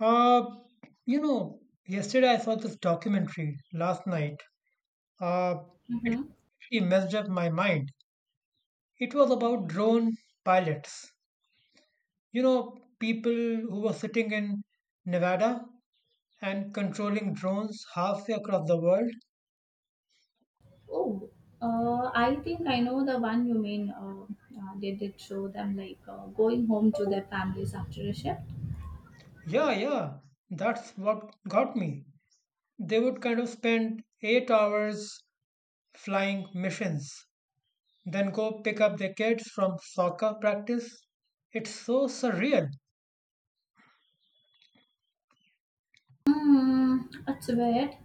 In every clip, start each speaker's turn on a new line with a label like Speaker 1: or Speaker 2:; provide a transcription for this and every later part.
Speaker 1: Uh, you know, yesterday I saw this documentary last night. Uh, it
Speaker 2: Mm-hmm.
Speaker 1: completely messed up my mind. It was about drone pilots. You know, people who were sitting in Nevada and controlling drones halfway across the world.
Speaker 2: Oh, I think I know the one you mean. They did show them like going home to their families after a shift.
Speaker 1: Yeah, yeah, that's what got me. They would kind of spend 8 hours flying missions, then go pick up their kids from soccer practice. It's so surreal.
Speaker 2: Hmm, it's weird,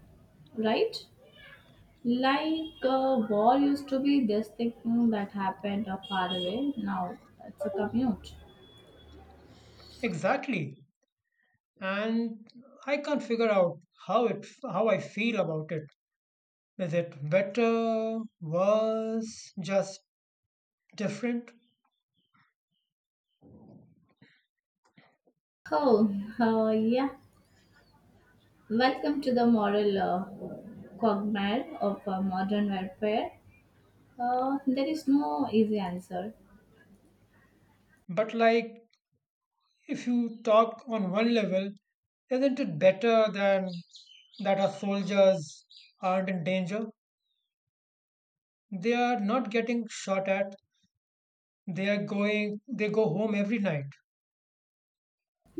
Speaker 2: right? Like war used to be this thing that happened far away. Now it's a commute.
Speaker 1: Exactly. And I can't figure out how it how I feel about it. Is it better, worse, just different?
Speaker 2: Oh, yeah. Welcome to the moral quagmire of modern warfare. There is no easy answer.
Speaker 1: But like if you talk on one level, isn't it better than that our soldiers aren't in danger? They are not getting shot at. They are going they go home every night.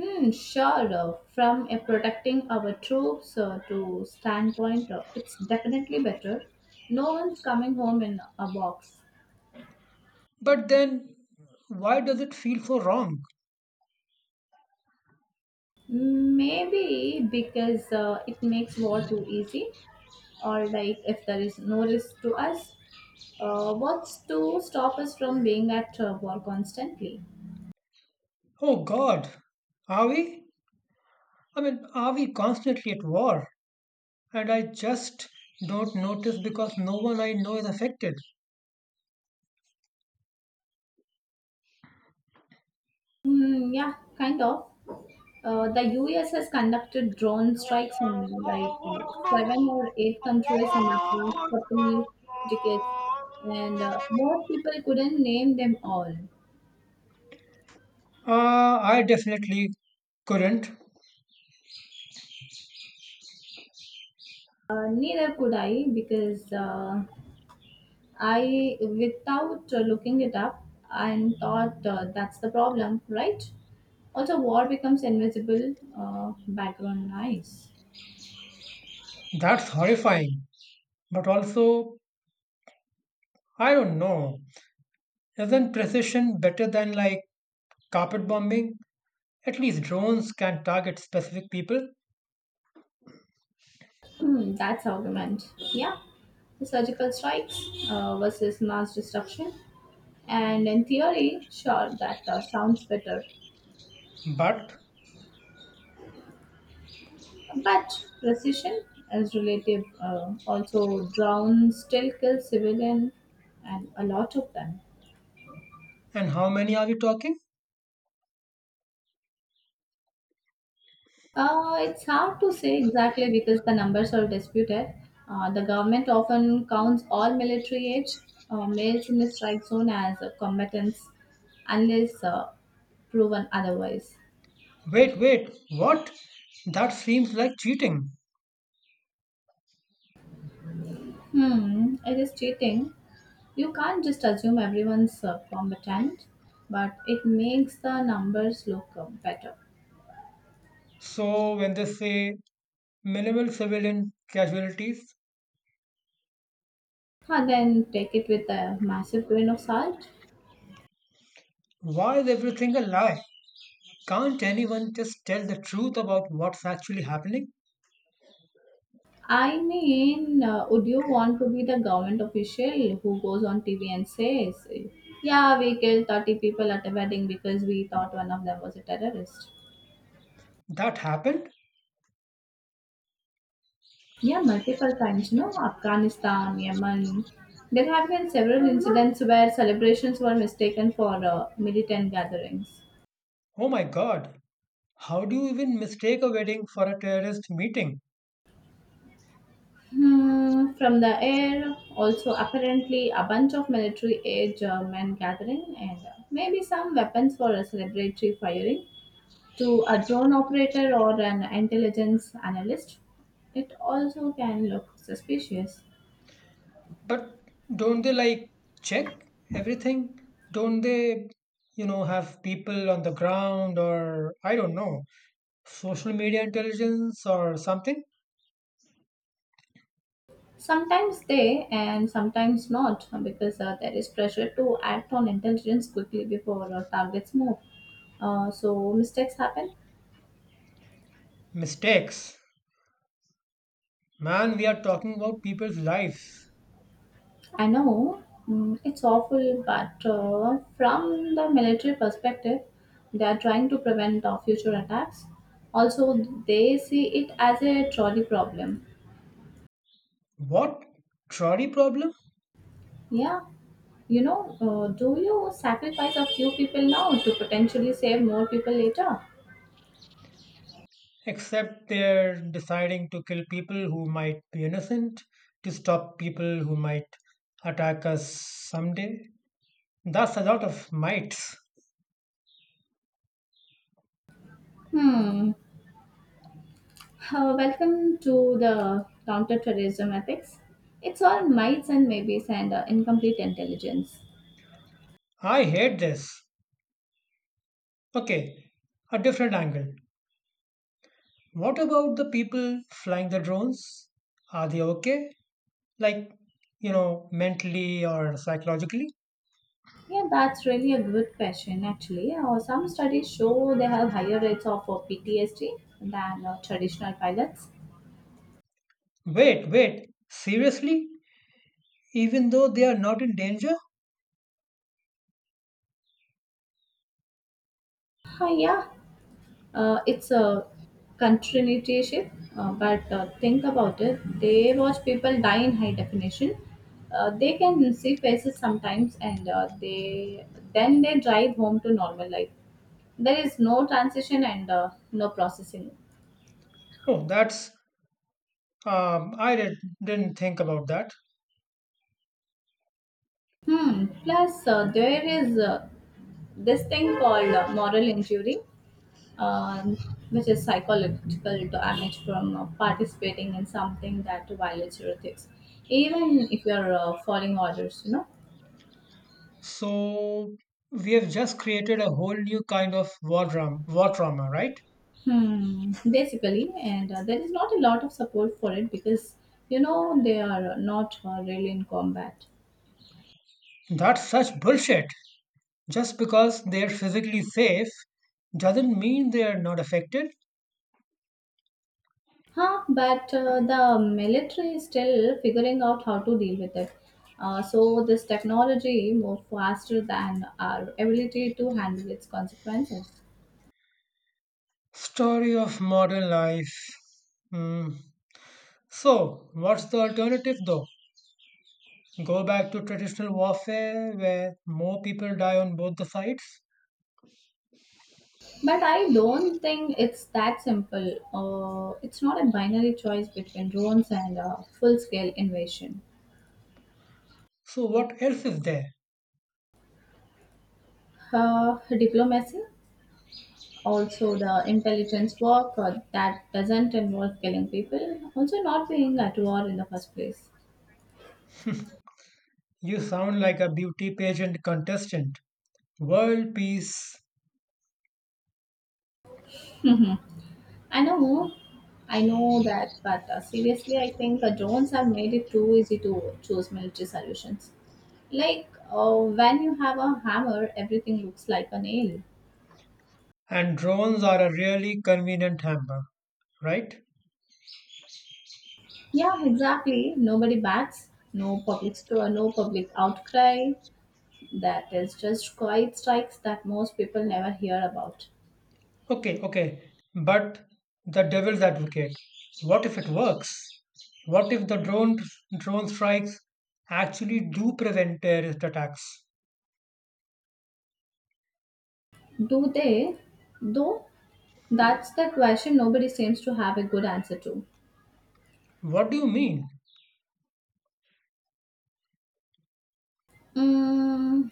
Speaker 2: Hmm, sure. From a protecting our troops to standpoint, it's definitely better. No one's coming home in a box.
Speaker 1: But then why does it feel so wrong?
Speaker 2: Maybe because it makes war too easy, or like if there is no risk to us, what's to stop us from being at war constantly?
Speaker 1: Oh god, are we? I mean, are we constantly at war? And I just don't notice because no one I know is affected.
Speaker 2: Hmm, yeah, kind of. The US has conducted drone strikes in like seven or eight countries in the past couple decades, and most people couldn't name them all.
Speaker 1: I definitely couldn't.
Speaker 2: Neither could I because I, without looking it up, and thought that's the problem, right? Also, war becomes invisible background noise.
Speaker 1: That's horrifying. But also, I don't know. Isn't precision better than like carpet bombing? At least drones can target specific people.
Speaker 2: That's argument. Yeah, the surgical strikes versus mass destruction. And in theory, sure, that sounds better.
Speaker 1: But,
Speaker 2: But precision is relative. Also, drones still kill civilian and a lot of them.
Speaker 1: and how many are we talking?
Speaker 2: It's hard to say exactly because the numbers are disputed. The government often counts all military age males in the strike zone as combatants unless proven otherwise.
Speaker 1: Wait, wait, what? That seems like cheating.
Speaker 2: It is cheating. You can't just assume everyone's competent, but it makes the numbers look better.
Speaker 1: So, when they say minimal civilian casualties,
Speaker 2: And then take it with a massive grain of salt.
Speaker 1: why is everything a lie? Can't anyone just tell the truth about what's actually happening?
Speaker 2: I mean, would you want to be the government official who goes on TV and says, "Yeah, we killed 30 people at a wedding because we thought one of them was a terrorist?"
Speaker 1: That happened?
Speaker 2: Yeah, multiple times, Afghanistan, Yemen. There have been several incidents where celebrations were mistaken for militant gatherings.
Speaker 1: Oh my god. How do you even mistake a wedding for a terrorist meeting?
Speaker 2: From the air, also apparently a bunch of military age men gathering, and maybe some weapons for a celebratory firing to a drone operator or an intelligence analyst. It also can look suspicious.
Speaker 1: But don't they like check everything? Don't they, you know, have people on the ground or I don't know, social media intelligence or something?
Speaker 2: Sometimes they and sometimes not, because there is pressure to act on intelligence quickly before our targets move. So mistakes happen.
Speaker 1: Mistakes. Man, we are talking about people's lives.
Speaker 2: I know it's awful, but from the military perspective, they are trying to prevent future attacks. Also, they see it as a trolley problem.
Speaker 1: What? Trolley problem?
Speaker 2: Yeah, do you sacrifice a few people now to potentially save more people later?
Speaker 1: Except they're deciding to kill people who might be innocent, to stop people who might attack us someday. That's a lot of mites.
Speaker 2: Hmm. Welcome to the counterterrorism ethics. It's all mites and maybes and incomplete intelligence.
Speaker 1: I hate this. Okay, a different angle. What about the people flying the drones? Are they okay? Like, you know, mentally or psychologically?
Speaker 2: Yeah, that's really a good question, actually. Some studies show they have higher rates of PTSD than traditional pilots.
Speaker 1: Wait, wait, seriously? Even though they are not in danger?
Speaker 2: Yeah, it's a continuityship, but think about it. They watch people die in high definition. They can see faces sometimes, and they then they drive home to normal life. There is no transition and no processing.
Speaker 1: Oh, that's um, I did, didn't think about that.
Speaker 2: Hmm. Plus, there is this thing called moral injury, um, which is psychological damage from participating in something that violates your ethics, even if you are following orders.
Speaker 1: So we have just created a whole new kind of war drama, war trauma, right?
Speaker 2: Basically, and there is not a lot of support for it because you know they are not really in combat.
Speaker 1: That's such bullshit. Just because they're physically safe doesn't mean they are not affected.
Speaker 2: But the military is still figuring out how to deal with it. So this technology move faster than our ability to handle its consequences.
Speaker 1: Story of modern life. Hmm. So, what's the alternative though? Go back to traditional warfare where more people die on both the sides?
Speaker 2: But I don't think it's that simple. It's not a binary choice between drones and full scale invasion.
Speaker 1: So, what else is there?
Speaker 2: Diplomacy, also the intelligence work that doesn't involve killing people, also not being at war in the first place.
Speaker 1: You sound like a beauty pageant contestant. World peace
Speaker 2: I know, I know that, but seriously, I think drones have made it too easy to choose military solutions. Like when you have a hammer, everything looks like a nail.
Speaker 1: and drones are a really convenient hamper, right?
Speaker 2: Yeah, exactly. Nobody bats, no public outcry. That is just quiet strikes that most people never hear about.
Speaker 1: Okay, okay. But the devil's advocate. What if it works? What if the drone strikes actually do prevent terrorist attacks?
Speaker 2: Do they? Though that's the question nobody seems to have a good answer to.
Speaker 1: What do you mean?
Speaker 2: Mm,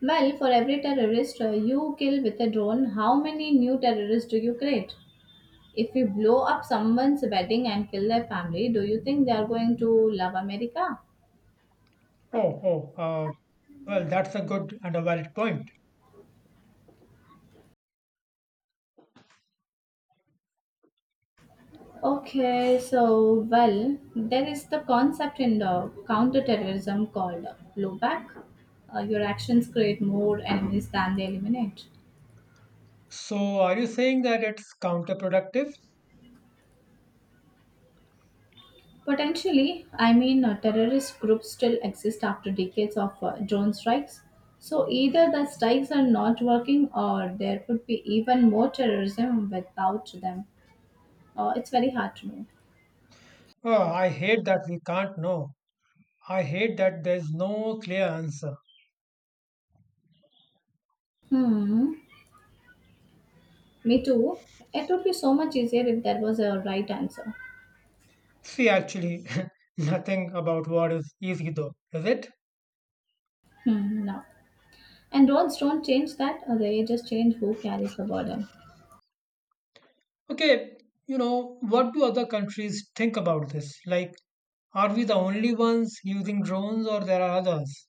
Speaker 2: well, for every terrorist you kill with a drone, how many new terrorists do you create? If you blow up someone's wedding and kill their family, do you think they are going to love America?
Speaker 1: Oh, oh, uh, well, that's a good and a valid point.
Speaker 2: Okay, so well, there is the concept in the counterterrorism called blowback. Your actions create more enemies than they eliminate.
Speaker 1: So, are you saying that it's counterproductive?
Speaker 2: Potentially, I mean, terrorist groups still exist after decades of drone strikes. So either the strikes are not working, or there could be even more terrorism without them. It's very hard to know.
Speaker 1: Oh, I hate that we can't know. I hate that there's no clear answer.
Speaker 2: Hmm. Me too. It would be so much easier if there was a right answer.
Speaker 1: See, actually, nothing about war is easy though, is it?
Speaker 2: Hmm. No. And roads don't change that, they just change who carries the burden.
Speaker 1: Okay, you know, what do other countries think about this? Like, are we the only ones using drones or there are others?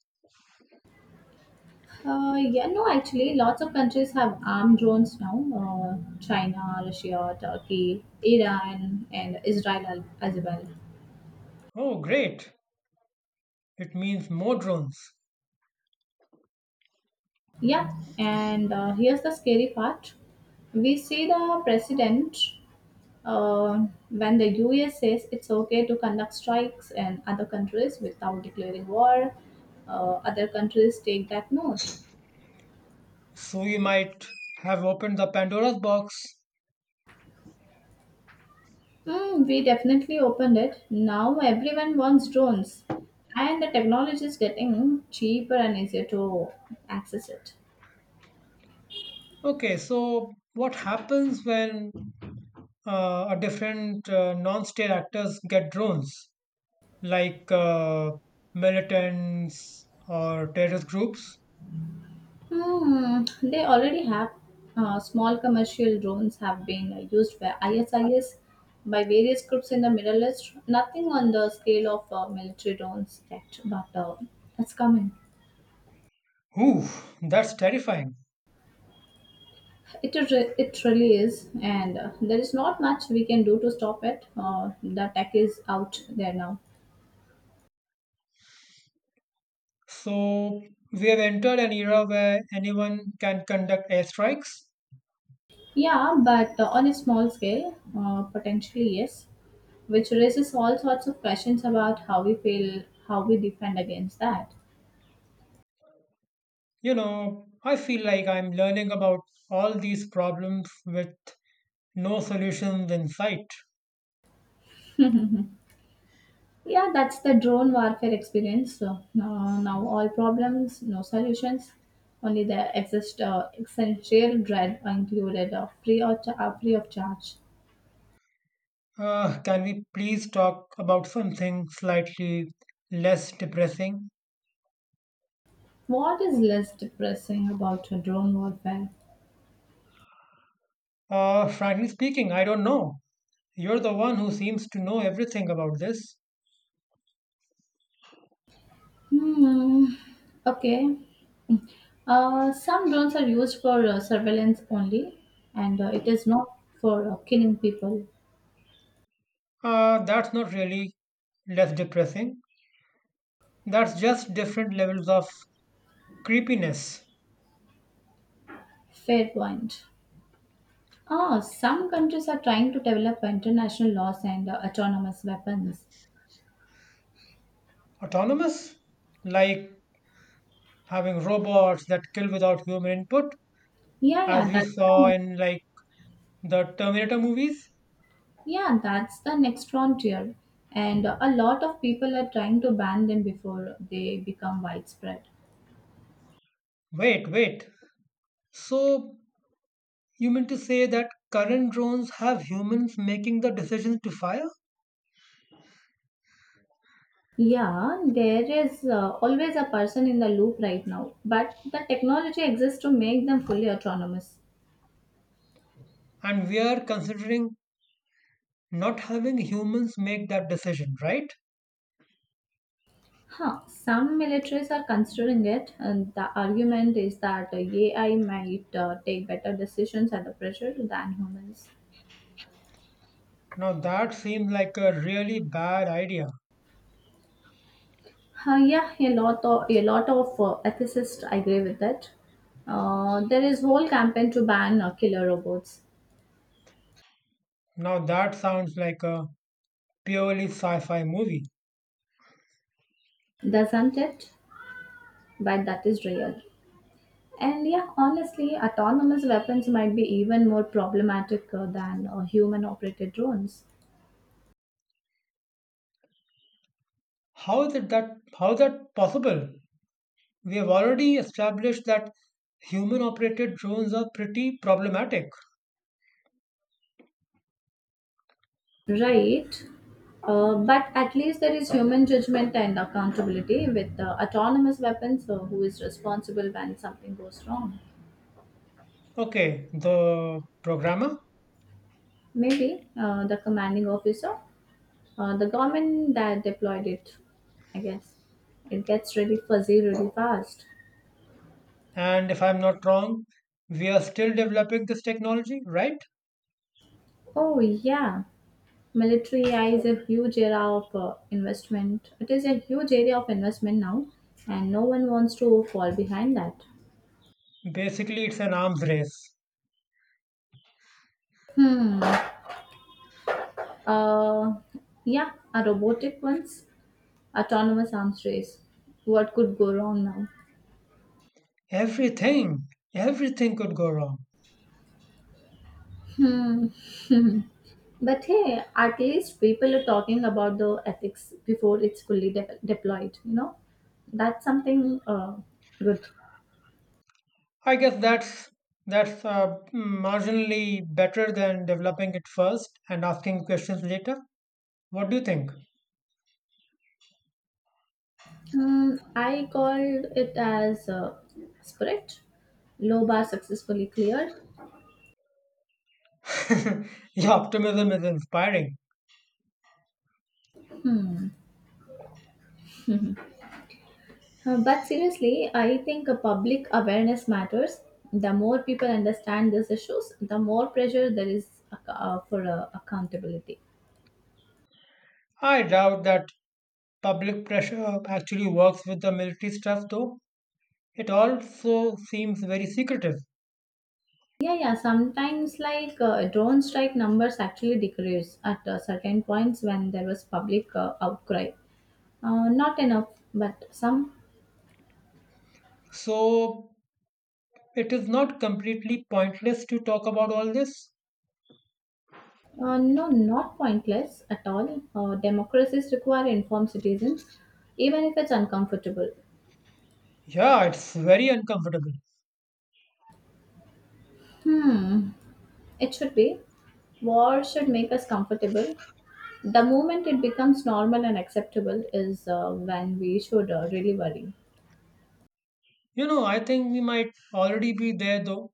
Speaker 2: Yeah, no, actually, lots of countries have armed drones now. China, Russia, Turkey, Iran, and Israel as well.
Speaker 1: Oh, great. It means more drones.
Speaker 2: Yeah, and here's the scary part. We see the president when the US says it's okay to conduct strikes in other countries without declaring war, uh, other countries take that note.
Speaker 1: So you might have opened the Pandora's box.
Speaker 2: We definitely opened it. Now everyone wants drones, and the technology is getting cheaper and easier to access it.
Speaker 1: Okay, so what happens when a different non-state actors get drones? Like militants or terrorist groups.
Speaker 2: They already have small commercial drones have been used by ISIS by various groups in the Middle East. Nothing on the scale of military drones yet, but it's coming.
Speaker 1: Ooh, that's terrifying.
Speaker 2: It really is, and there is not much we can do to stop it. The tech is out there now.
Speaker 1: So we have entered an era where anyone can conduct airstrikes.
Speaker 2: Yeah, but on a small scale, potentially yes, which raises all sorts of questions about how we feel, how we defend against that.
Speaker 1: You know, I feel like I'm learning about all these problems with no solutions in sight.
Speaker 2: Yeah, that's the drone warfare experience. So now, all problems, no solutions, only the exist essential dread included of free of charge.
Speaker 1: Can we please talk about something slightly less depressing?
Speaker 2: What is less depressing about drone warfare?
Speaker 1: Frankly speaking, I don't know. You're the one who seems to know everything about this.
Speaker 2: Hmm. Okay. Some drones are used for surveillance only, and it is not for killing people.
Speaker 1: That's not really less depressing. That's just different levels of creepiness.
Speaker 2: Fair point. Some countries are trying to develop international laws and autonomous weapons.
Speaker 1: Autonomous, like having robots that kill without human input,
Speaker 2: Yeah,
Speaker 1: as
Speaker 2: yeah,
Speaker 1: we saw in like the Terminator movies.
Speaker 2: yeah, that's the next frontier, and a lot of people are trying to ban them before they become widespread.
Speaker 1: Wait, wait. So you mean to say that current drones have humans making the decisions to fire,
Speaker 2: Yeah, there is always a person in the loop right now, but the technology exists to make them fully autonomous.
Speaker 1: and we are considering not having humans make that decision, right?
Speaker 2: Huh. Some militaries are considering it, and the argument is that AI might take better decisions under pressure than humans.
Speaker 1: Now that seems like a really bad idea.
Speaker 2: Yeah, a lot of ethicists agree with that. There is whole campaign to ban killer robots,
Speaker 1: Now that sounds like a purely sci-fi movie.
Speaker 2: doesn't it? But that is real. And yeah, honestly, autonomous weapons might be even more problematic than human-operated drones.
Speaker 1: How is it that how is that possible? We have already established that human operated drones are pretty problematic.
Speaker 2: Right. But at least there is human judgment and accountability with the autonomous weapons. Who is responsible when something goes wrong.
Speaker 1: Okay, the programmer,
Speaker 2: Maybe the commanding officer, the government that deployed it, I guess. It gets really fuzzy really fast.
Speaker 1: and if I'm not wrong, we are still developing this technology, right?
Speaker 2: Oh, yeah. Military AI is a huge area of investment. It is a huge area of investment now, and no one wants to fall behind that.
Speaker 1: Basically, it's an arms race.
Speaker 2: Hmm. Uh, yeah, a robotic ones, autonomous arms race. What could go wrong now?
Speaker 1: Everything, everything could go wrong.
Speaker 2: Hmm. But hey, at least people are talking about the ethics before it's fully deployed. That's something good.
Speaker 1: I guess that's marginally better than developing it first and asking questions later. What do you think?
Speaker 2: Hmm. I called it as Spirit. Low bar successfully cleared.
Speaker 1: Your optimism is inspiring.
Speaker 2: But seriously, I think public awareness matters. The more people understand these issues, the more pressure there is for accountability.
Speaker 1: I doubt that public pressure actually works with the military stuff, though. It also seems very secretive.
Speaker 2: Yeah, yeah. Sometimes, like drone strike numbers actually decrease at certain points when there was public outcry. Not enough, but some.
Speaker 1: So, it is not completely pointless to talk about all this.
Speaker 2: No, not pointless at all. Democracies require informed citizens, even if it's uncomfortable.
Speaker 1: Yeah, it's very uncomfortable.
Speaker 2: Hmm. It should be. War should make us comfortable. The moment it becomes normal and acceptable is when we should really worry.
Speaker 1: You know, I think we might already be there, though.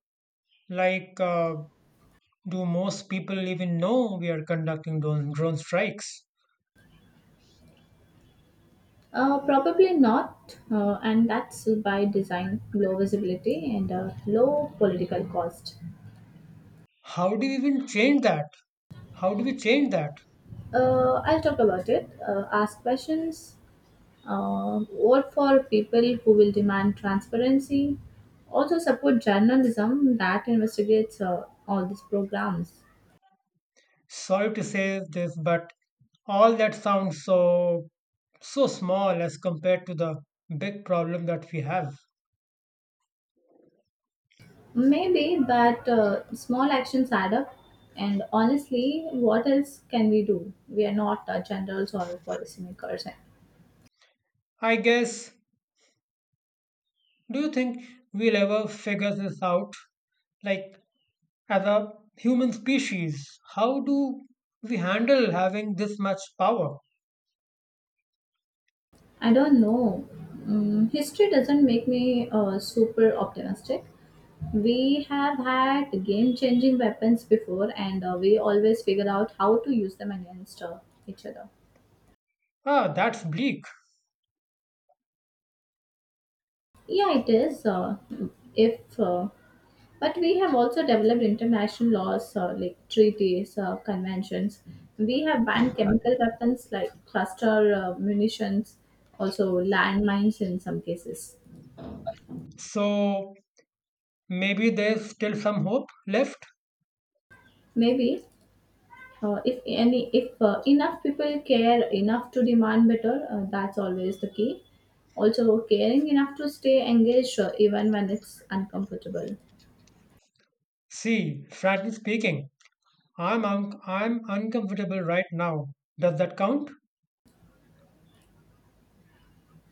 Speaker 1: Like, do most people even know we are conducting drone strikes?
Speaker 2: Probably not, and that's by design low visibility and low political cost.
Speaker 1: How do we even change that? How do we change that?
Speaker 2: I'll talk about it. Ask questions, vote for people who will demand transparency, also support journalism that investigates all these programs.
Speaker 1: Sorry to say this, but all that sounds so small as compared to the big problem that we have.
Speaker 2: Maybe, but small actions add up. And honestly, what else can we do? We are not generals or policymakers.
Speaker 1: I guess do you think we'll ever figure this out? Like as a human species, how do we handle having this much power?
Speaker 2: I don't know. History doesn't make me super optimistic. We have had game changing weapons before, and we always figure out how to use them against each other.
Speaker 1: Ah, that's bleak.
Speaker 2: Yeah, it is. If But we have also developed international laws like treaties, conventions. We have banned chemical weapons like cluster munitions, also landmines in some cases.
Speaker 1: So maybe there's still some hope left.
Speaker 2: Maybe if enough people care enough to demand better, that's always the key. Also, caring enough to stay engaged even when it's uncomfortable.
Speaker 1: See, frankly speaking, I'm uncomfortable right now. Does that count?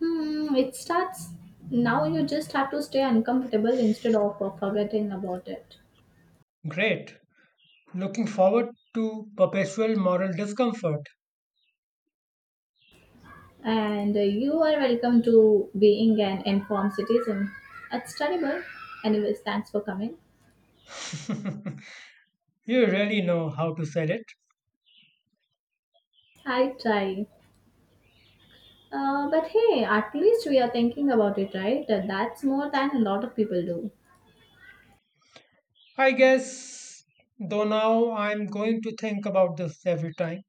Speaker 2: Hmm, it starts now. You just have to stay uncomfortable instead of forgetting about it.
Speaker 1: Great. Looking forward to perpetual moral discomfort.
Speaker 2: And you are welcome to being an informed citizen. It's terrible. Anyways, thanks for coming.
Speaker 1: You really know how to sell it.
Speaker 2: I try. But hey, at least we are thinking about it, right? That's more than a lot of people do.
Speaker 1: I guess, though now I'm going to think about this every time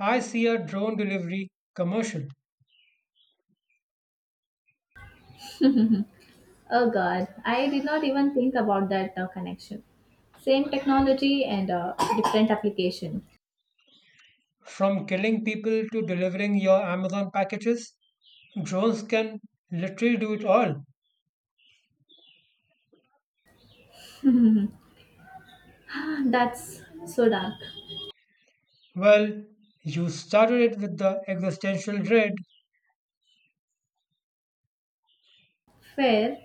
Speaker 1: I see a drone delivery commercial.
Speaker 2: Oh god, I did not even think about that connection. Same technology and different application.
Speaker 1: From killing people to delivering your Amazon packages, drones can literally do it all.
Speaker 2: Ah, that's so dark.
Speaker 1: Well, you started it with the existential dread.
Speaker 2: Fair.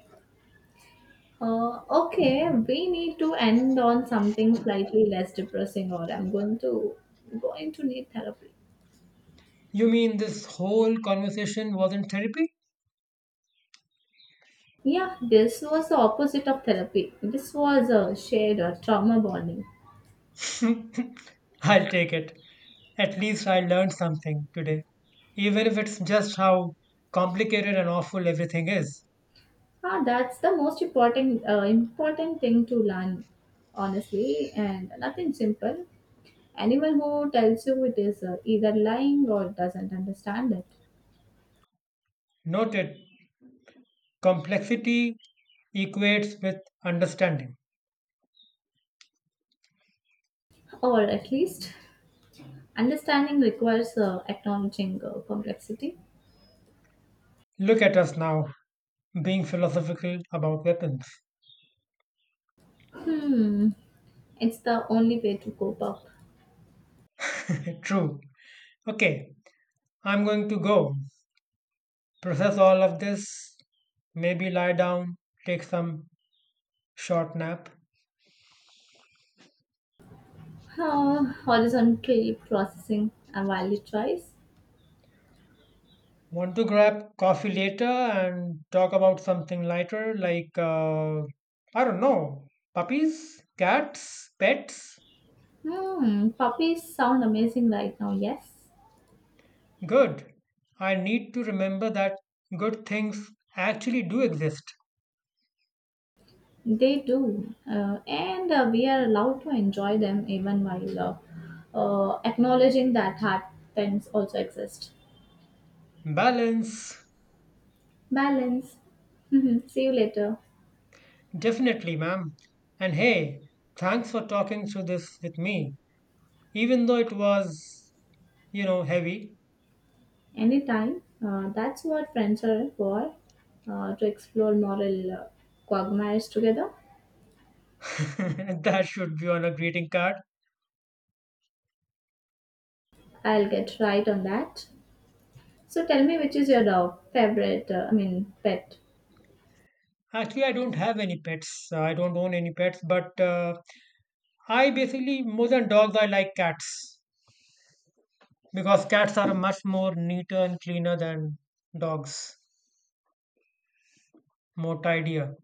Speaker 2: Okay, we need to end on something slightly less depressing, or I'm going to need therapy.
Speaker 1: You mean this whole conversation was in therapy?
Speaker 2: Yeah, this was the opposite of therapy. This was a shared trauma bonding.
Speaker 1: I'll take it. At least I learned something today, even if it's just how complicated and awful everything is.
Speaker 2: Ah, that's the most important thing to learn, honestly, and nothing simple. Anyone who tells you it is either lying or doesn't understand it,
Speaker 1: Noted, complexity equates with understanding.
Speaker 2: or at least understanding requires acknowledging complexity.
Speaker 1: Look at us now, being philosophical about weapons.
Speaker 2: Hmm. It's the only way to cope up.
Speaker 1: True. Okay, I'm going to go process all of this, maybe lie down, take some short nap.
Speaker 2: Huh, horizontally processing a valid choice.
Speaker 1: Want to grab coffee later and talk about something lighter like, I don't know, puppies, cats, pets?
Speaker 2: Hmm, puppies sound amazing right now, yes?
Speaker 1: Good. I need to remember that good things actually do exist.
Speaker 2: They do. And we are allowed to enjoy them even while acknowledging that hard times also exist.
Speaker 1: Balance,
Speaker 2: Balance. See you later.
Speaker 1: definitely, ma'am. And hey, thanks for talking through this with me. Even though it was, you know, heavy,
Speaker 2: Anytime. That's what friends are for, to explore moral quagmires together.
Speaker 1: that should be on a greeting card.
Speaker 2: I'll get right on that. So tell me, which is your dog favorite? I mean, pet.
Speaker 1: Actually, I don't have any pets. I don't own any pets, but I basically more than dogs, I like cats because cats are much more neater and cleaner than dogs, more tidier.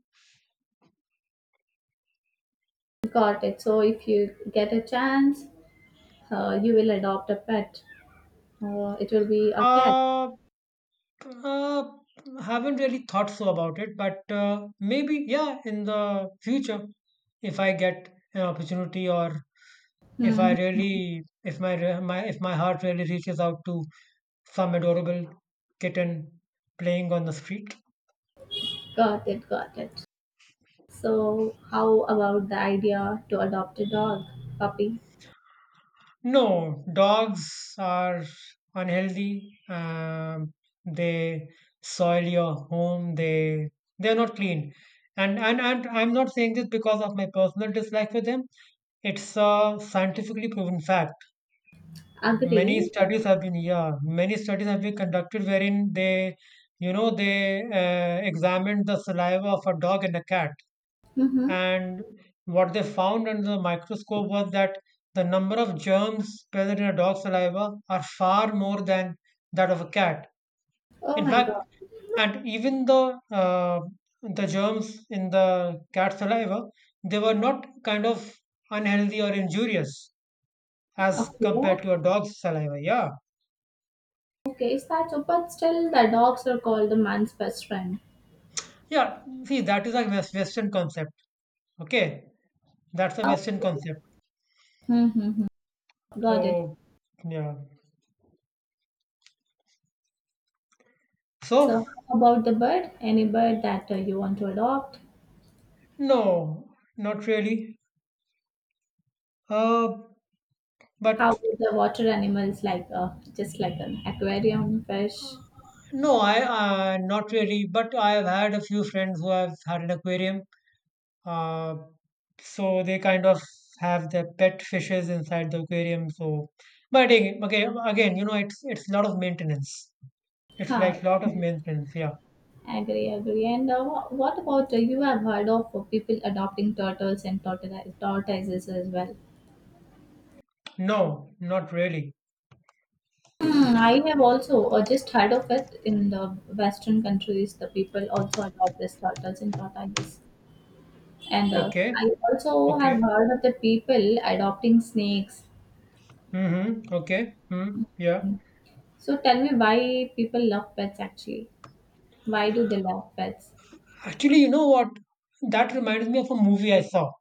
Speaker 2: Got it. So if you get a chance, you will adopt a pet. It will be a cat.
Speaker 1: Uh, uh, haven't really thought so about it, but maybe yeah, in the future, if I get an opportunity or if I
Speaker 2: Hmm.
Speaker 1: really, if my heart really reaches out to some adorable kitten playing on the street.
Speaker 2: Got it. Got it. So how about the idea to adopt a dog, puppy?
Speaker 1: No, dogs are unhealthy. They soil your home. They're not clean. And I'm not saying this because of my personal dislike for them. It's a scientifically proven fact. Many
Speaker 2: Agree.
Speaker 1: studies have been yeah, many studies have been conducted wherein they, you know, they examined the saliva of a dog and a cat
Speaker 2: Mm-hmm.
Speaker 1: and what they found under the microscope was that the number of germs present in a dog's saliva are far more than that of a cat.
Speaker 2: Oh
Speaker 1: In
Speaker 2: my
Speaker 1: fact,
Speaker 2: God.
Speaker 1: and even the germs in the cat saliva, they were not kind of unhealthy or injurious as
Speaker 2: Okay.
Speaker 1: compared to a dog's saliva. Yeah,
Speaker 2: Okay. Is that so? But still, the dogs are called the man's best friend.
Speaker 1: yeah. See, that is a Western concept. Okay, that's a
Speaker 2: Oh.
Speaker 1: Western concept.
Speaker 2: Mm-hmm. Got it.
Speaker 1: So, yeah. So,
Speaker 2: So how about the bird? Any bird that you want to adopt?
Speaker 1: no, not really. Uh,
Speaker 2: How
Speaker 1: but
Speaker 2: about the water animals like just like an aquarium fish?
Speaker 1: no, I not really. But I have had a few friends who have had an aquarium. Uh, so they kind of have their pet fishes inside the aquarium. So, but again, okay, again, you know, it's a lot of maintenance. It's
Speaker 2: Huh.
Speaker 1: like lot of maintenance. Yeah.
Speaker 2: Agree, agree. And what about you have heard of people adopting tortoises as well?
Speaker 1: No, not really.
Speaker 2: Hmm, I have also just heard of it in the Western countries. The people also adopt these turtles and tortoises. And
Speaker 1: Okay.
Speaker 2: I also have
Speaker 1: Okay.
Speaker 2: heard of the people adopting snakes.
Speaker 1: Mm-hmm. Okay. Mm, yeah.
Speaker 2: So tell me why people love pets actually. Why do they love pets?
Speaker 1: Actually, you know what? That reminds me of a movie I saw.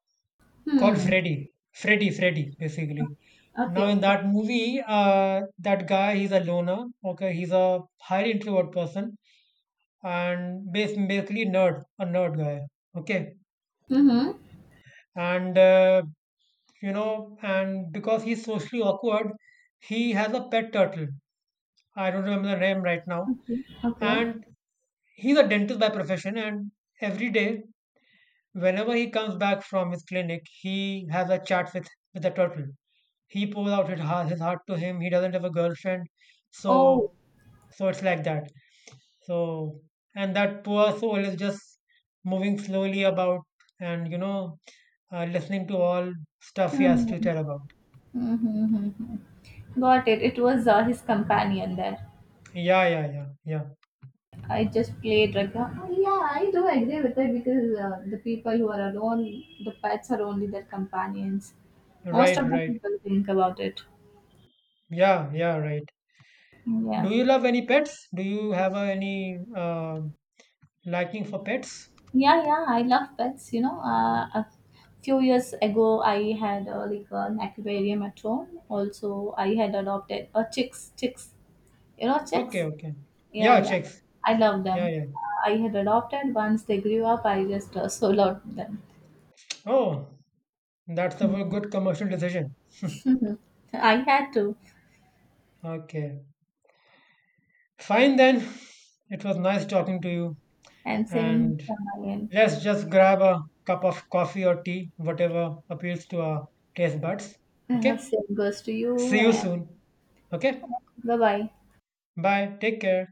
Speaker 1: Called
Speaker 2: Hmm.
Speaker 1: Freddy. Freddy, basically.
Speaker 2: Okay,
Speaker 1: Now, in
Speaker 2: okay.
Speaker 1: that movie, that guy, he's a loner. Okay, he's a highly introvert person and basically nerd, a nerd guy. Okay,
Speaker 2: Mhm.
Speaker 1: and you know, and because he's socially awkward, he has a pet turtle. I don't remember the name right now.
Speaker 2: Okay. Okay.
Speaker 1: And he's a dentist by profession. And every day, whenever he comes back from his clinic, he has a chat with the turtle. He pours out his heart to him. He doesn't have a girlfriend,
Speaker 2: Oh.
Speaker 1: so so it's like that. So and that poor soul is just moving slowly about and you know listening to all stuff he has to
Speaker 2: Mhm.
Speaker 1: tell about.
Speaker 2: Mhm, mhm, mhm. Got it. It was his companion there.
Speaker 1: Yeah, yeah, yeah, yeah.
Speaker 2: I just played like, yeah, I do agree with it because the people who are alone, the pets are only their companions. Most of
Speaker 1: Right,
Speaker 2: the
Speaker 1: right.
Speaker 2: people think about it.
Speaker 1: Yeah, yeah, right.
Speaker 2: Yeah.
Speaker 1: Do you love any pets? Do you have any liking for pets?
Speaker 2: Yeah, yeah, I love pets. You know, a few years ago, I had like an aquarium at home. Also, I had adopted chicks. You know,
Speaker 1: Okay,
Speaker 2: chicks?
Speaker 1: okay.
Speaker 2: Yeah,
Speaker 1: Yeah,
Speaker 2: yeah.
Speaker 1: chicks.
Speaker 2: I love
Speaker 1: Yeah,
Speaker 2: them.
Speaker 1: yeah.
Speaker 2: I had adopted once they grew up. I just so loved them.
Speaker 1: Oh, that's a very good commercial decision.
Speaker 2: Mhm. I had to.
Speaker 1: Okay. Fine then. It was nice talking to you.
Speaker 2: And same
Speaker 1: And
Speaker 2: from my end.
Speaker 1: let's just grab a cup of coffee or tea, whatever appeals to our taste buds. Okay?
Speaker 2: Same goes to you.
Speaker 1: See you
Speaker 2: And
Speaker 1: soon. Okay?
Speaker 2: bye bye.
Speaker 1: Bye. Take care.